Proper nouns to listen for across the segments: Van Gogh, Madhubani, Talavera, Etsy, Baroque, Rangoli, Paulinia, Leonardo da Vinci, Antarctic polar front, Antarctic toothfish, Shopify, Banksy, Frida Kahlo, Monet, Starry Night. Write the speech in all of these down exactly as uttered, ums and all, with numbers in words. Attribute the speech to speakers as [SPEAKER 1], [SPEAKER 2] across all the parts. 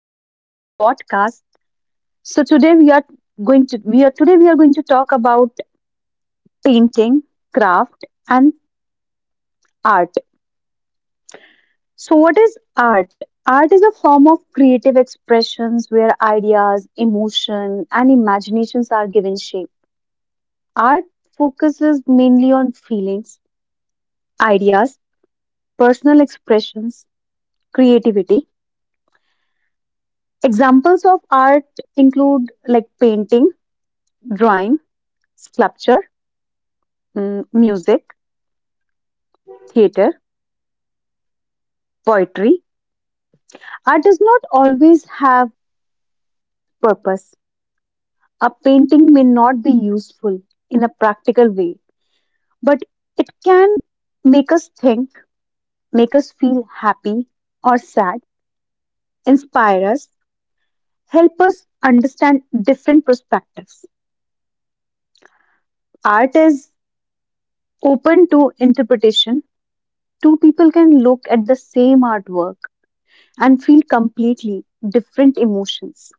[SPEAKER 1] welcome to our podcast. So today we are going to we are today we are going to talk about painting, craft, and art. So what is art? Art is a form of creative expressions where ideas, emotion, and imaginations are given shape. Art focuses mainly on feelings, ideas, personal expressions, creativity. Examples of art include like painting, drawing, sculpture, mm, music theater, poetry. Art does not always have purpose. A painting may not be useful in a practical way, but it can make us think, make us feel happy or sad, inspire us, help us understand different perspectives. Art is open to interpretation. Two people can look at the same artwork and feel completely different emotions,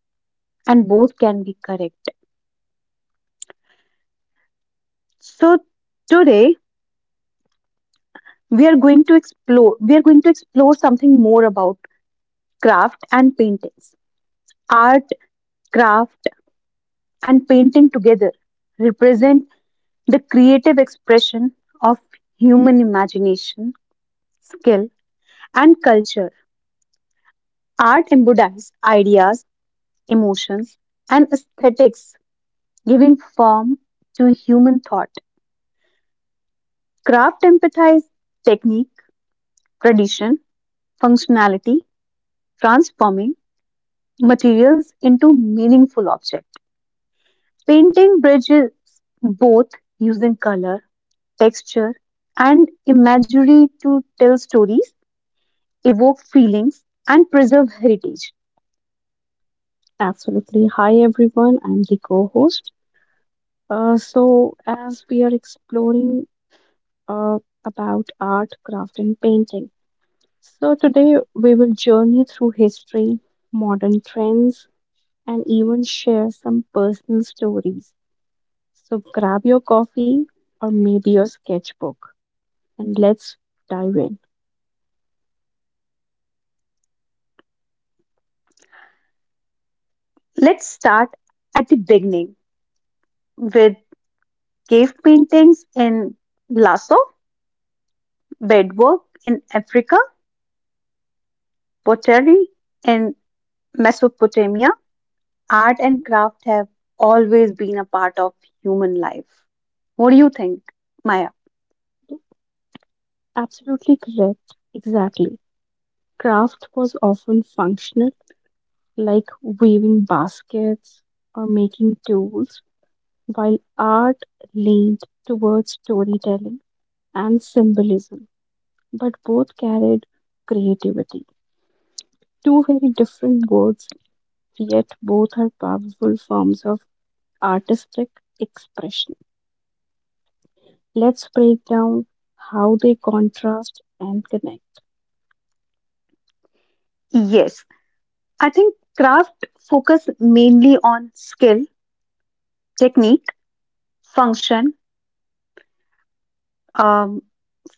[SPEAKER 1] and both can be correct. So today we are going to explore we are going to explore something more about craft and paintings. Art, craft, and painting together represent the creative expression of human imagination, skill, and culture. Art embodies ideas, emotions, and aesthetics, giving form to human thought. Craft empathize technique, tradition, functionality, transforming materials into meaningful objects. Painting bridges both, using color, texture, and imagery to tell stories, evoke feelings, and preserve heritage.
[SPEAKER 2] Absolutely. Hi, everyone. I'm the co host. Uh, so, as we are exploring uh, about art, craft, and painting, so today we will journey through history, modern trends, and even share some personal stories. So, grab your coffee or maybe your sketchbook and let's dive in.
[SPEAKER 1] Let's start at the beginning with cave paintings in Lasso, bedwork in Africa, pottery in Mesopotamia. Art and craft have always been a part of human life. What do you think, Maya?
[SPEAKER 2] Absolutely correct. Exactly. Craft was often functional, like weaving baskets or making tools while art leaned towards storytelling and symbolism, but both carried creativity. Two very different words, yet both are powerful forms of artistic expression. Let's break down how they contrast and connect.
[SPEAKER 1] Yes, I think craft focus mainly on skill, technique, function. Um,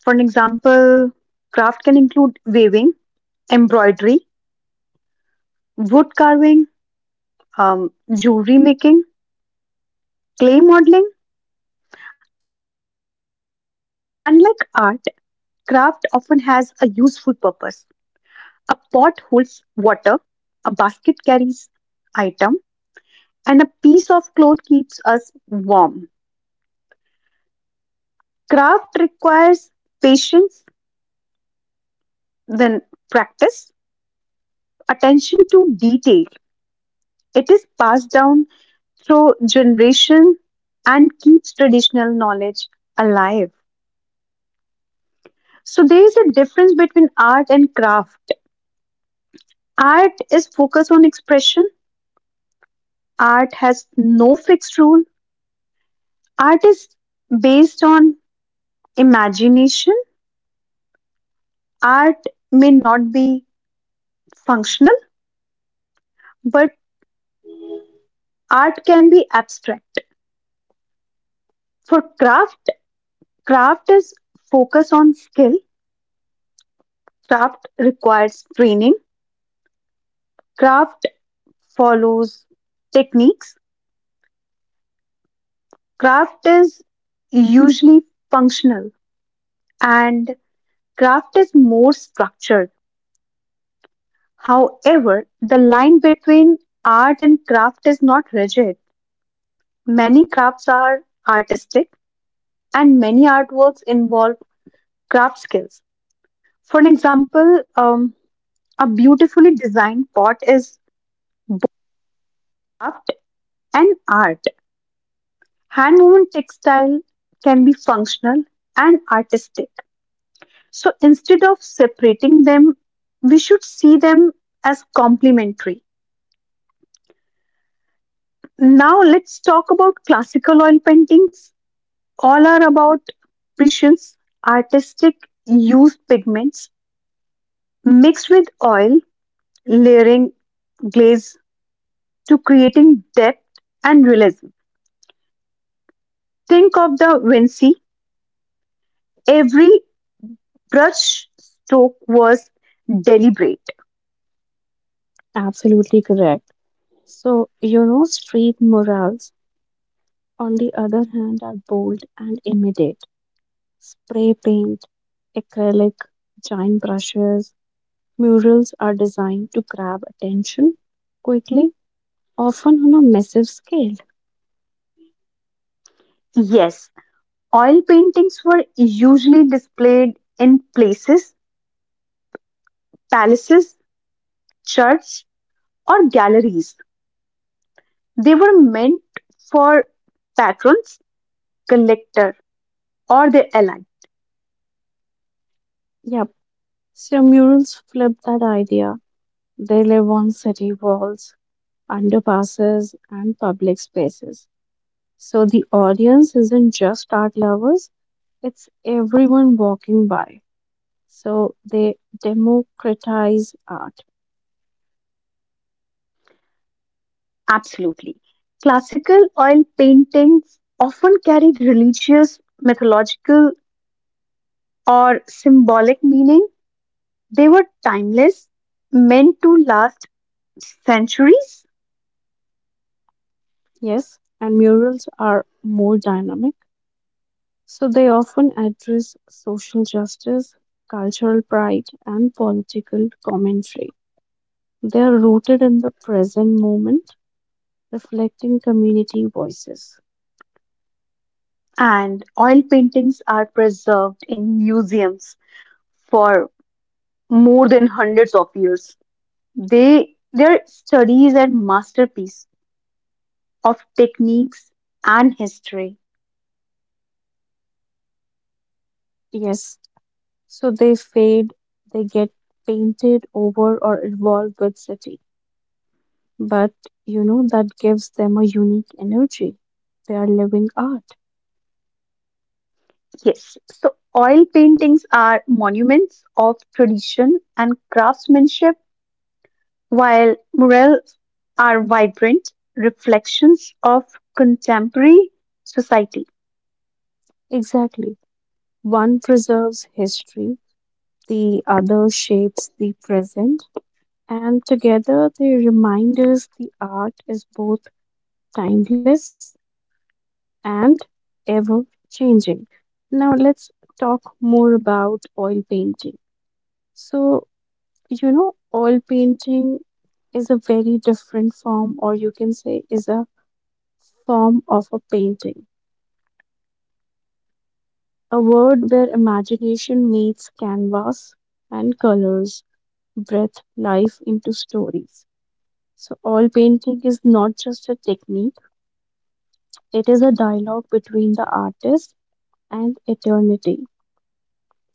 [SPEAKER 1] for an example, craft can include weaving, embroidery, wood carving, um, jewelry making, clay modeling. Unlike art, craft often has a useful purpose. A pot holds water, a basket carries item, and a piece of cloth keeps us warm. Craft requires patience, then practice, attention to detail. It is passed down through generation and keeps traditional knowledge alive. So there is a difference between art and craft. Art is focused on expression. Art has no fixed rule. Art is based on imagination. Art may not be functional, but art can be abstract. For craft, craft is focus on skill. Craft requires training. Craft follows techniques. Craft is usually functional, and craft is more structured. However, the line between art and craft is not rigid. Many crafts are artistic and many artworks involve craft skills. For an example, um, a beautifully designed pot is craft and art. Hand woven textile can be functional and artistic. So instead of separating them, we should see them as complementary. Now let's talk about classical oil paintings. All are about precisions, artistic use pigments mixed with oil, layering glaze to creating depth and realism. Think of the Vinci. Every brush stroke was deliberate.
[SPEAKER 2] Absolutely correct. So, you know, street murals, on the other hand, are bold and immediate. Spray paint, acrylic, giant brushes, murals are designed to grab attention quickly, often on a massive scale.
[SPEAKER 1] Yes, oil paintings were usually displayed in places palaces, churches, or galleries. They were meant for patrons, collector, or their ally.
[SPEAKER 2] Yep, so murals flip that idea. They live on city walls, underpasses, and public spaces. So the audience isn't just art lovers, it's everyone walking by. So they democratize art,
[SPEAKER 1] Absolutely. Classical oil paintings often carried religious, mythological, or symbolic meaning. They were timeless, meant to last centuries,
[SPEAKER 2] yes, and murals are more dynamic. So they often address social justice, cultural pride, and political commentary. They are rooted in the present moment, reflecting community voices.
[SPEAKER 1] and oil paintings are preserved in museums for more than hundreds of years. They their studies and masterpiece of techniques and history.
[SPEAKER 2] Yes, so they fade, they get painted over, or evolve with city. But you know that gives them a unique energy. They are living art.
[SPEAKER 1] Yes. So oil paintings are monuments of tradition and craftsmanship, while murals are vibrant reflections of contemporary society.
[SPEAKER 2] Exactly. One preserves history, the other shapes the present, and together they remind us the art is both timeless and ever changing. Now let's talk more about oil painting. So, you know, oil painting is a very different form, or you can say, is a form of a painting. A world where imagination meets canvas and colors, breath life into stories. So, all painting is not just a technique, it is a dialogue between the artist and eternity.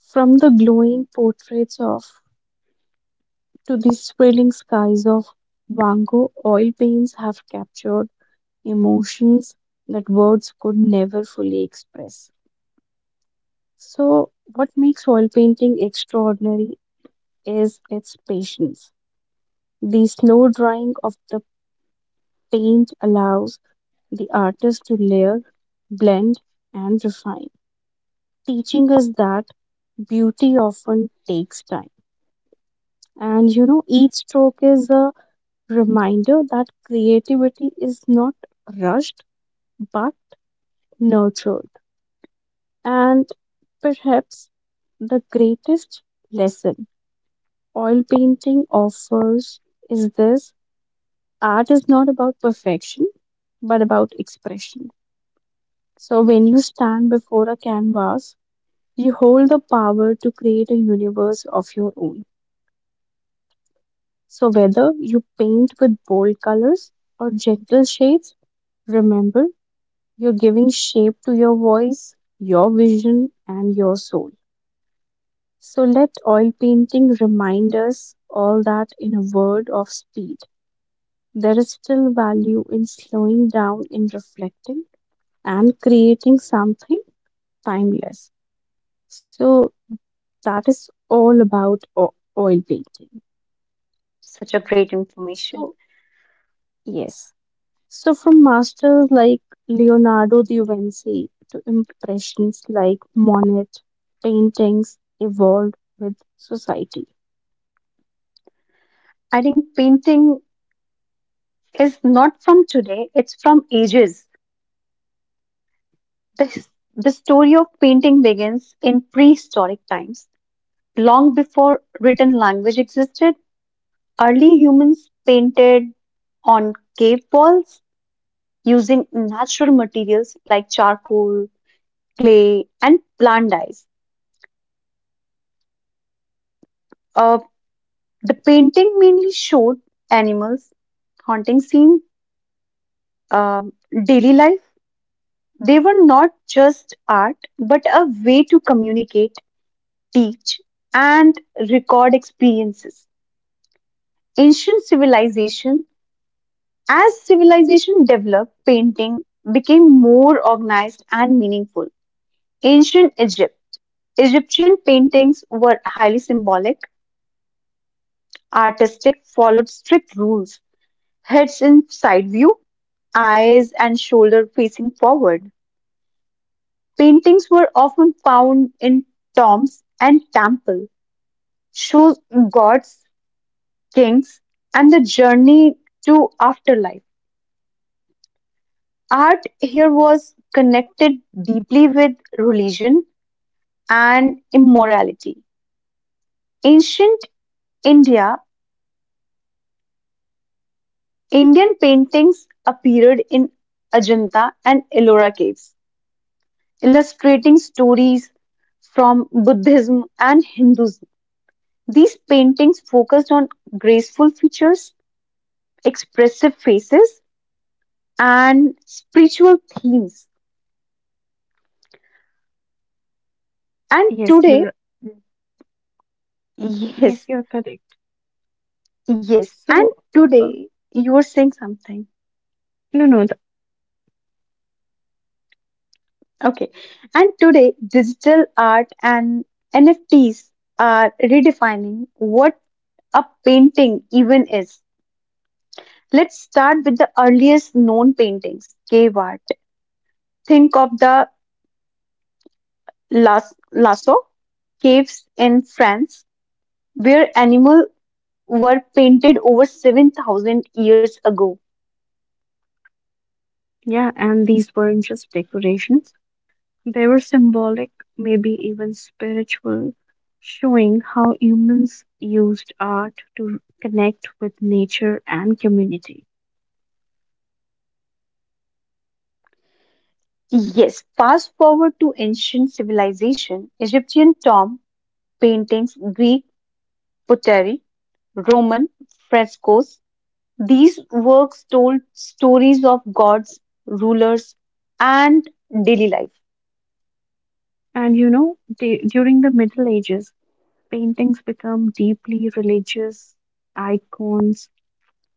[SPEAKER 2] From the glowing portraits of to the swirling skies of Van Gogh, oil paints have captured emotions that words could never fully express. So, what makes oil painting extraordinary is its patience. The slow drying of the paint allows the artist to layer, blend, and refine, teaching us that beauty often takes time. And you know, each stroke is a reminder that creativity is not rushed but nurtured. And perhaps the greatest lesson oil painting offers is this: art is not about perfection but about expression. So, when you stand before a canvas, you hold the power to create a universe of your own. So, whether you paint with bold colors or gentle shades, remember you're giving shape to your voice, your vision, and your soul. So, let oil painting remind us all that in a world of speed, there is still value in slowing down, in reflecting, and creating something timeless. So, that is all about o- oil painting.
[SPEAKER 1] Such a great information.
[SPEAKER 2] So, yes. So, from masters like Leonardo da Vinci to impressionists like Monet, paintings evolved with society.
[SPEAKER 1] I think painting is not from today, it's from ages. The, the story of painting begins in prehistoric times. Long before written language existed, early humans painted on cave walls using natural materials like charcoal, clay, and plant dyes. Uh, the painting mainly showed animals, haunting scene, um, daily life. They were not just art, but a way to communicate, teach, and record experiences. Ancient civilization. As civilization developed, painting became more organized and meaningful. Ancient Egypt. Egyptian paintings were highly symbolic, artistic, followed strict rules heads in side view, eyes and shoulder facing forward. Paintings were often found in tombs and temples, show gods, kings, and the journey to afterlife. Art here was connected deeply with religion and immorality. Ancient India, Indian paintings appeared in Ajanta and Ellora caves, illustrating stories from Buddhism and Hinduism. These paintings focused on graceful features, expressive faces, and spiritual themes. And
[SPEAKER 2] Yes,
[SPEAKER 1] today,
[SPEAKER 2] you're yes,
[SPEAKER 1] yes,
[SPEAKER 2] you're correct.
[SPEAKER 1] yes, and
[SPEAKER 2] So, uh,
[SPEAKER 1] today you are saying something.
[SPEAKER 2] no, no, the,
[SPEAKER 1] Okay. And today, digital art and N F Ts are redefining what a painting even is. Let's start with the earliest known paintings, cave art. Think of the Las- Lasso caves in France, where animals were painted over seven thousand years ago.
[SPEAKER 2] yeah, and these weren't just decorations. They were symbolic, maybe even spiritual, showing how humans used art to connect with nature and community.
[SPEAKER 1] Yes, fast forward to ancient civilization, Egyptian tomb paintings, Greek pottery, Roman frescoes. These works told stories of gods, rulers, and daily life.
[SPEAKER 2] And you know, du- during the Middle Ages, paintings become deeply religious. Icons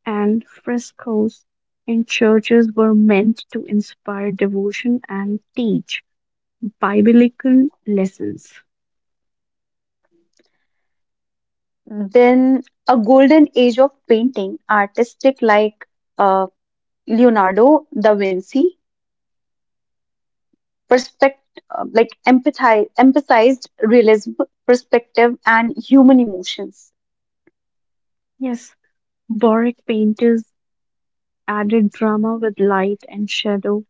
[SPEAKER 2] and frescoes in churches were meant to inspire devotion and teach biblical lessons.
[SPEAKER 1] Then a golden age of painting, artistic like uh, Leonardo da Vinci, perspect uh, like empathize, emphasized realism, perspective, and human emotions.
[SPEAKER 2] Yes, Baroque painters added drama with light and shadow,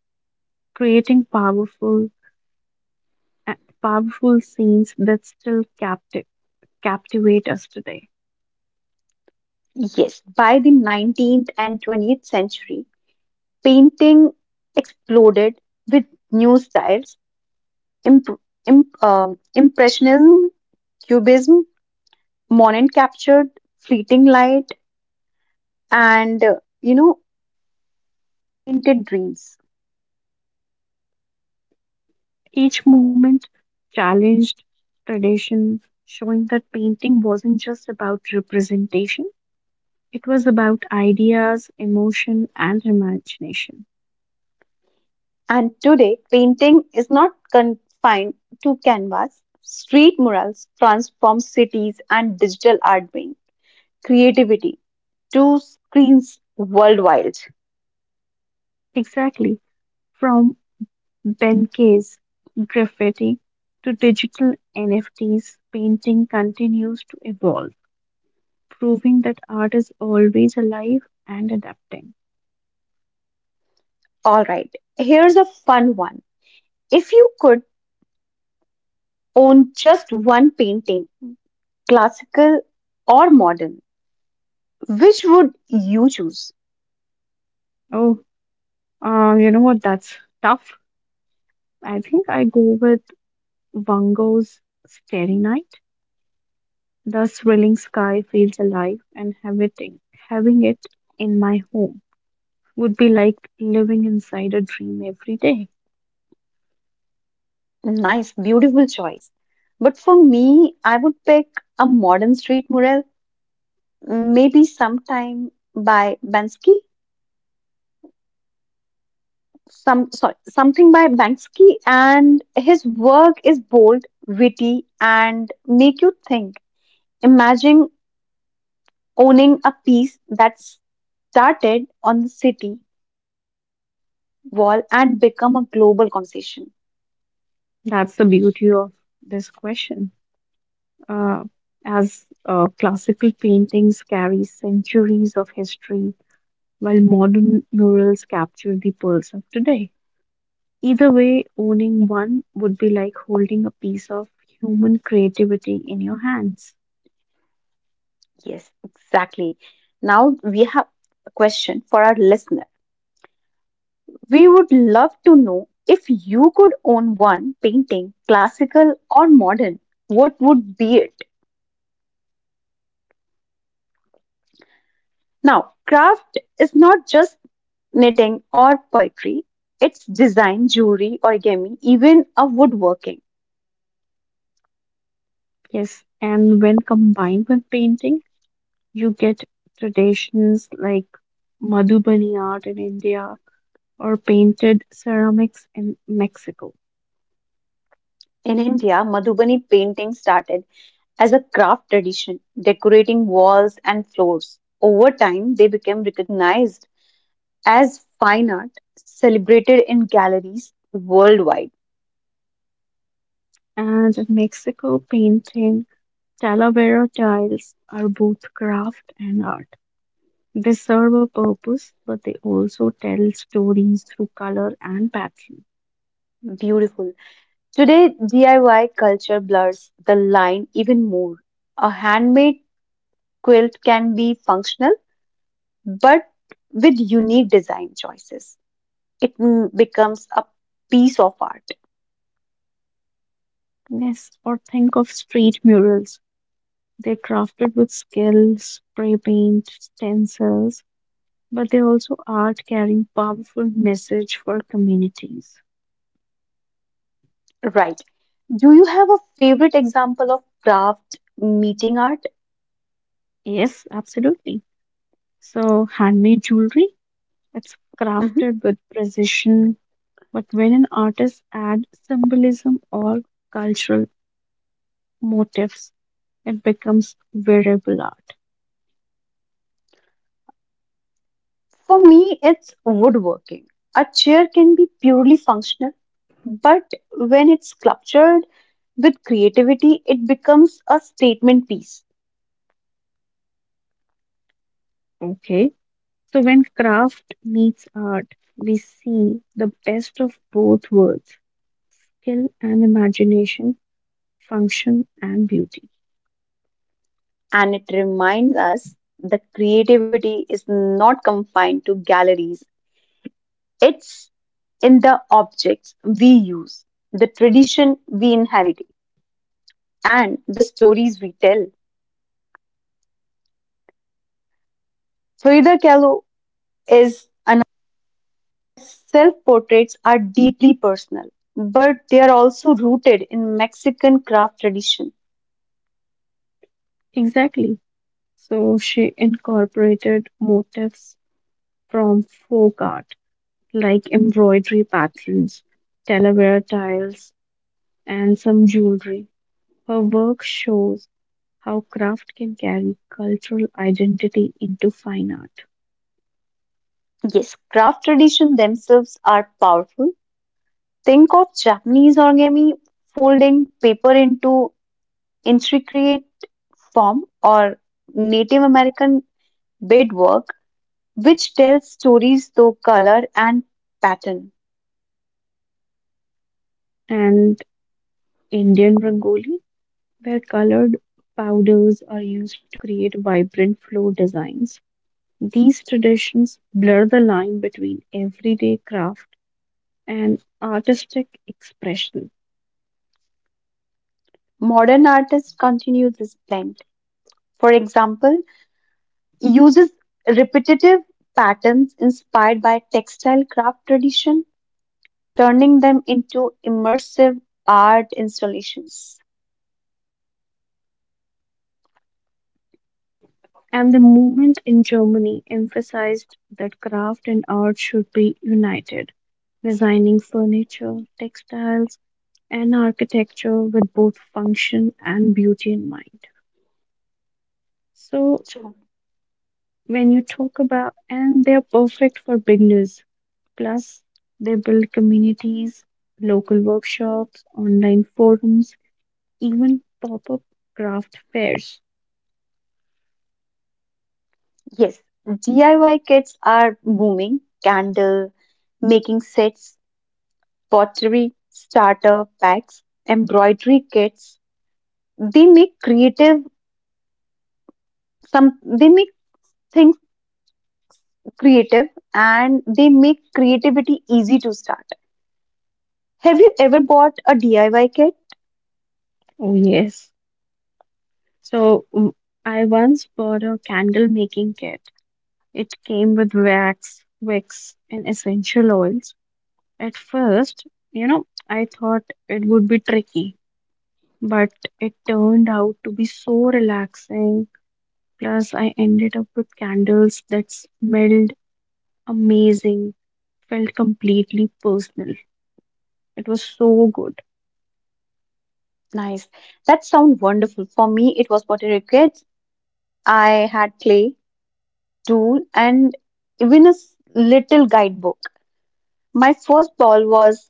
[SPEAKER 2] creating powerful, powerful scenes that still capti- captivate us today.
[SPEAKER 1] Yes, by the nineteenth and twentieth century, painting exploded with new styles Imp, imp, um Impressionism, Cubism, Monet captured fleeting light and, uh, you know, painted dreams.
[SPEAKER 2] Each movement challenged tradition, showing that painting wasn't just about representation, it was about ideas, emotion, and imagination.
[SPEAKER 1] And today, painting is not confined to canvas. Street murals transform cities and digital art bring creativity to screens worldwide.
[SPEAKER 2] Exactly. From Benke's graffiti to digital N F Ts, painting continues to evolve, proving that art is always alive and adapting.
[SPEAKER 1] All right, here's a fun one. If you could own just one painting, classical or modern, which would you choose?
[SPEAKER 2] Oh, um, you know what? That's tough. I think I go with Van Gogh's Starry Night. The swirling sky feels alive, and having, having it in my home would be like living inside a dream every day.
[SPEAKER 1] Nice, beautiful choice. But for me, I would pick a modern street mural, maybe sometime by Bansky, some sorry, something by Banksy, and his work is bold, witty, and make you think. Imagine owning a piece that started on the city wall and become a global conversation.
[SPEAKER 2] That's the beauty of this question. Uh, as uh, classical paintings carry centuries of history, while modern murals capture the pulse of today. Either way, owning one would be like holding a piece of human creativity in your hands.
[SPEAKER 1] Yes, exactly. Now we have a question for our listener. We would love to know if you could own one painting, classical or modern, what would be it? Now, craft is not just knitting or poetry, it's design, jewelry, origami, even a woodworking.
[SPEAKER 2] Yes, and when combined with painting, you get traditions like Madhubani art in India or painted ceramics in Mexico.
[SPEAKER 1] In India, Madhubani painting started as a craft tradition, decorating walls and floors. Over time, they became recognized as fine art, celebrated in galleries worldwide.
[SPEAKER 2] And in Mexico, painting Talavera tiles are both craft and art. They serve a purpose, but they also tell stories through color and pattern.
[SPEAKER 1] Beautiful. Today, D I Y culture blurs the line even more. A handmade quilt can be functional, but with unique design choices, it mm, becomes a piece of art.
[SPEAKER 2] Yes, or think of street murals. They're crafted with skill, spray paint, stencils, but they also art carrying powerful message for communities.
[SPEAKER 1] Right. Do you have a favorite example of craft meeting art?
[SPEAKER 2] Yes, absolutely. So handmade jewelry, it's
[SPEAKER 1] Mhm.
[SPEAKER 2] crafted with precision, but when an artist adds symbolism or cultural motifs, it becomes wearable art.
[SPEAKER 1] For me, it's woodworking. A chair can be purely functional, but when it's sculptured with creativity, it becomes a statement piece.
[SPEAKER 2] Okay. So when craft meets art, we see the best of both worlds, skill and imagination, function and beauty.
[SPEAKER 1] And it reminds us that creativity is not confined to galleries. It's in the objects we use, the tradition we inherit, and the stories we tell. Frida Kahlo is another self portraits are deeply personal, but they are also rooted in Mexican craft tradition.
[SPEAKER 2] Exactly. So she incorporated motifs from folk art like embroidery patterns, Talavera tiles, and some jewelry. Her work shows how craft can carry cultural identity into fine art.
[SPEAKER 1] Yes, craft tradition themselves are powerful. Think of Japanese origami folding paper into intricate form or Native American beadwork, which tells stories through color and pattern.
[SPEAKER 2] And Indian Rangoli, where colored powders are used to create vibrant flow designs. These traditions blur the line between everyday craft and artistic expression.
[SPEAKER 1] Modern artists continue this blend. For example, uses repetitive patterns inspired by textile craft tradition, turning them into immersive art installations.
[SPEAKER 2] And the movement in Germany emphasized that craft and art should be united, designing furniture, textiles, and architecture with both function and beauty in mind. So,
[SPEAKER 1] True.
[SPEAKER 2] when you talk about, and they're perfect for beginners, plus, they build communities, local workshops, online forums, even pop up craft fairs.
[SPEAKER 1] Yes, D I Y kits are booming. Candle making sets pottery starter packs, embroidery kits. They make creative some they make things creative and they make creativity easy to start. Have you ever bought a D I Y kit?
[SPEAKER 2] Oh, yes. So, w- I once bought a candle making kit. It came with wax, wicks, and essential oils. At first, you know, I thought it would be tricky, but it turned out to be so relaxing. Plus, I ended up with candles that smelled amazing, felt completely personal. It was so good.
[SPEAKER 1] Nice. That sounds wonderful. For me, it was pottery kits. I had clay, tool, and even a s- little guidebook. My first ball was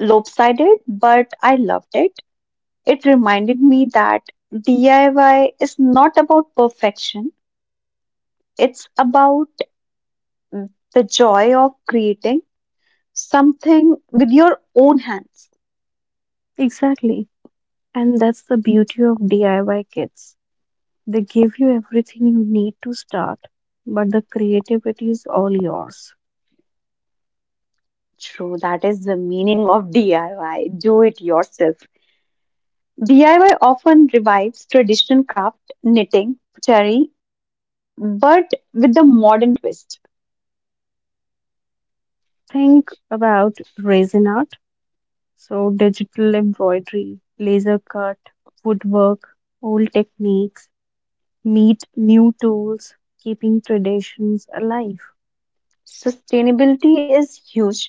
[SPEAKER 1] lopsided, but I loved it. It reminded me that D I Y is not about perfection, it's about the joy of creating something with your own hands.
[SPEAKER 2] Exactly. And that's the beauty of D I Y kits. They give you everything you need to start, but the creativity is all yours.
[SPEAKER 1] True, that is the meaning of D I Y, do it yourself. D I Y often revives traditional craft, knitting, pottery, but with a modern twist.
[SPEAKER 2] Think about resin art, so digital embroidery, laser cut, woodwork, old techniques, meet new tools, keeping traditions alive.
[SPEAKER 1] Sustainability is huge.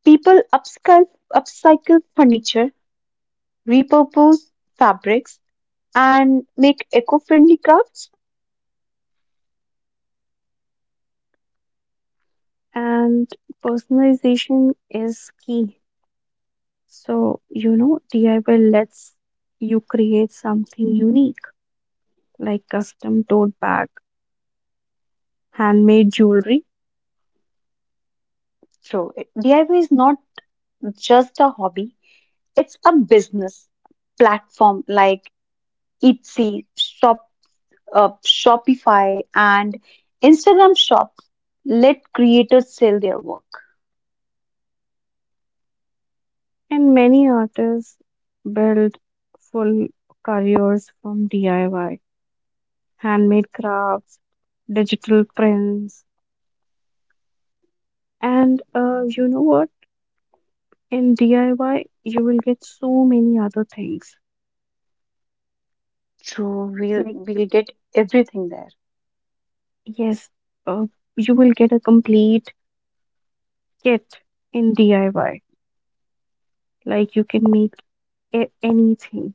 [SPEAKER 1] People upscale, upcycle furniture, repurpose fabrics, and make eco-friendly crafts
[SPEAKER 2] And personalization is key. So, you know, D I Y lets you create something unique like custom tote bag, handmade jewelry,
[SPEAKER 1] through. D I Y is not just a hobby, it's a business platform like Etsy, Shop, uh, Shopify, and Instagram shops let creators sell their work.
[SPEAKER 2] and many artists build full careers from D I Y. Handmade crafts, digital prints, and uh, you know what? In D I Y, you will get so many other things.
[SPEAKER 1] So we'll
[SPEAKER 2] Like,
[SPEAKER 1] we'll get everything there.
[SPEAKER 2] yes, uh, you will get a complete kit in D I Y. Like, you can make a- anything.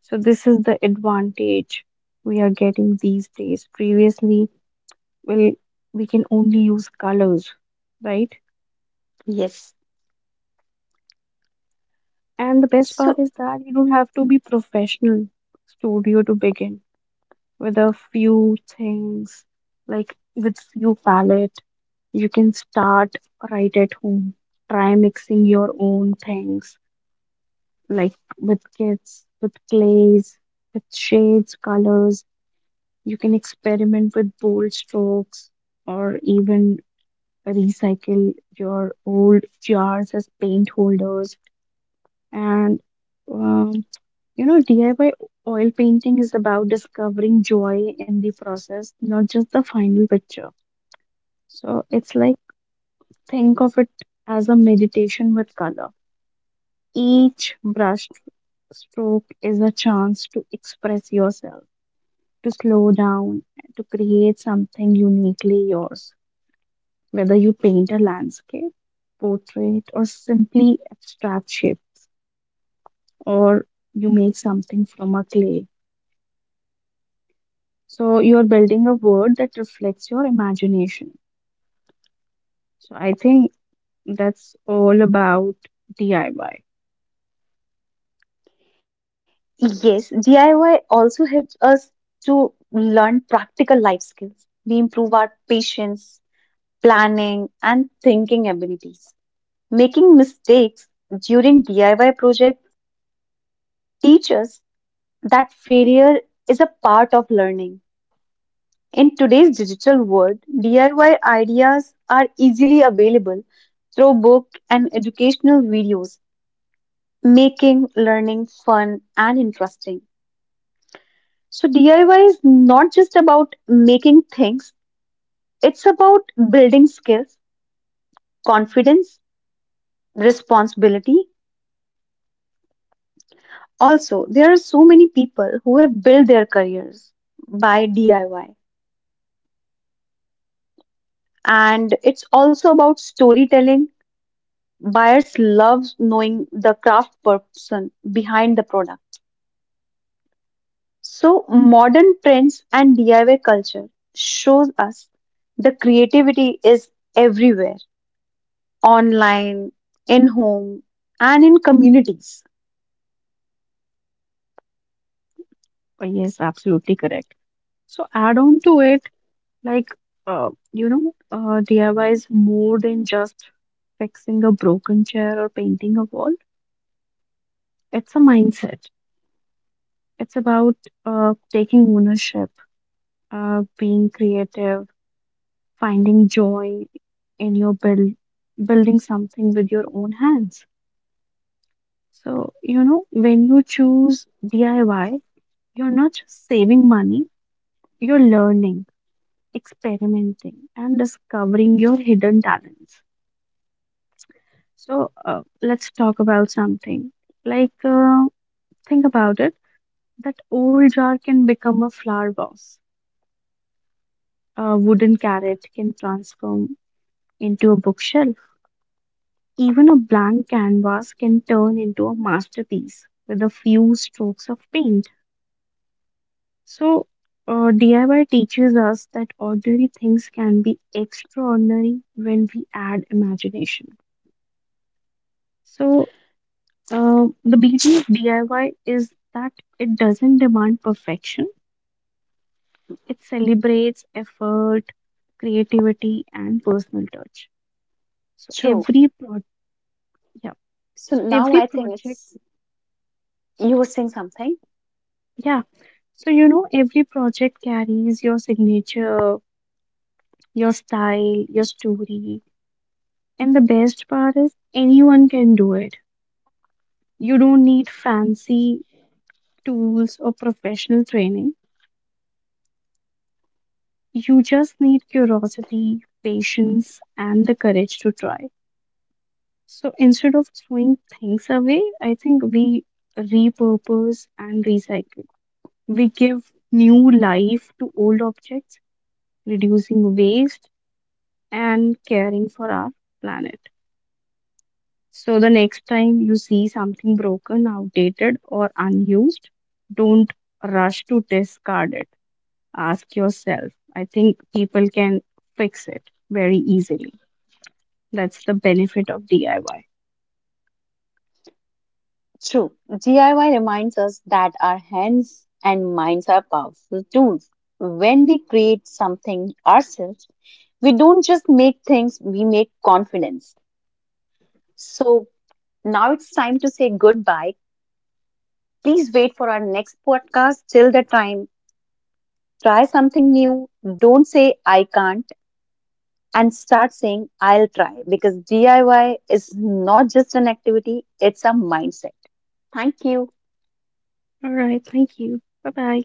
[SPEAKER 2] So, this is the advantage we are getting these days. Previously, well, we can only use colors, right?
[SPEAKER 1] Yes.
[SPEAKER 2] And the best part
[SPEAKER 1] So
[SPEAKER 2] is that you don't have to be professional studio to begin with a few things, like with few palette, you can start right at home. Try mixing your own things, like with kits, with clays, with shades, colors. You can experiment with bold strokes or even recycle your old jars as paint holders. And um, you know, D I Y oil painting is about discovering joy in the process, not just the final picture. So it's like think of it as a meditation with color. Each brush stroke is a chance to express yourself, to slow down, to create something uniquely yours, whether you paint a landscape, portrait, or simply abstract shape, or you make something from a clay. So you're building a world that reflects your imagination. So I think that's all about D I Y.
[SPEAKER 1] yes, D I Y also helps us to learn practical life skills. We improve our patience, planning, and thinking abilities. Making mistakes during D I Y projects teach us that failure is a part of learning. In today's digital world, D I Y ideas are easily available through book and educational videos, making learning fun and interesting. So D I Y is not just about making things, it's about building skills, confidence, responsibility. Also, there are so many people who have built their careers by D I Y. And it's also about storytelling. Buyers love knowing the craft person behind the product. So, modern trends and D I Y culture shows us the creativity is everywhere, online, in home, and in communities.
[SPEAKER 2] Uh, Yes, absolutely correct. So add on to it, like, uh, you know, uh, D I Y is more than just fixing a broken chair or painting a wall. It's a mindset. It's about uh, taking ownership, uh, being creative, finding joy in your build, building something with your own hands. So, you know, when you choose D I Y, you're not just saving money, you're learning, experimenting, and discovering your hidden talents. So, uh, let's talk about something. Like, uh, think about it that old jar can become a flower vase, a wooden carrot can transform into a bookshelf, even a blank canvas can turn into a masterpiece with a few strokes of paint. So, uh, D I Y teaches us that ordinary things can be extraordinary when we add imagination. So, uh, the beauty of D I Y is that it doesn't demand perfection, it celebrates effort, creativity, and personal touch. So,
[SPEAKER 1] True.
[SPEAKER 2] every pro- yeah,
[SPEAKER 1] So
[SPEAKER 2] so
[SPEAKER 1] now
[SPEAKER 2] every
[SPEAKER 1] I think
[SPEAKER 2] project,
[SPEAKER 1] it's you were saying something.
[SPEAKER 2] yeah, so you know, every project carries your signature, your style, your story, and the best part is, anyone can do it. You don't need fancy tools or professional training. You just need curiosity, patience, and the courage to try. So instead of throwing things away, I think we repurpose and recycle. We give new life to old objects, reducing waste and caring for our planet. So the next time you see something broken, outdated, or unused, don't rush to discard it. Ask yourself. I think people can fix it very easily. That's the benefit of D I Y.
[SPEAKER 1] True, D I Y reminds us that our hands and minds are powerful tools. When we create something ourselves, we don't just make things, we make confidence. So now it's time to say goodbye. Please wait for our next podcast. Till the time, try something new. Don't say I can't and start saying I'll try because D I Y is not just an activity, it's a mindset. Thank you.
[SPEAKER 2] All right. Thank you. Bye bye.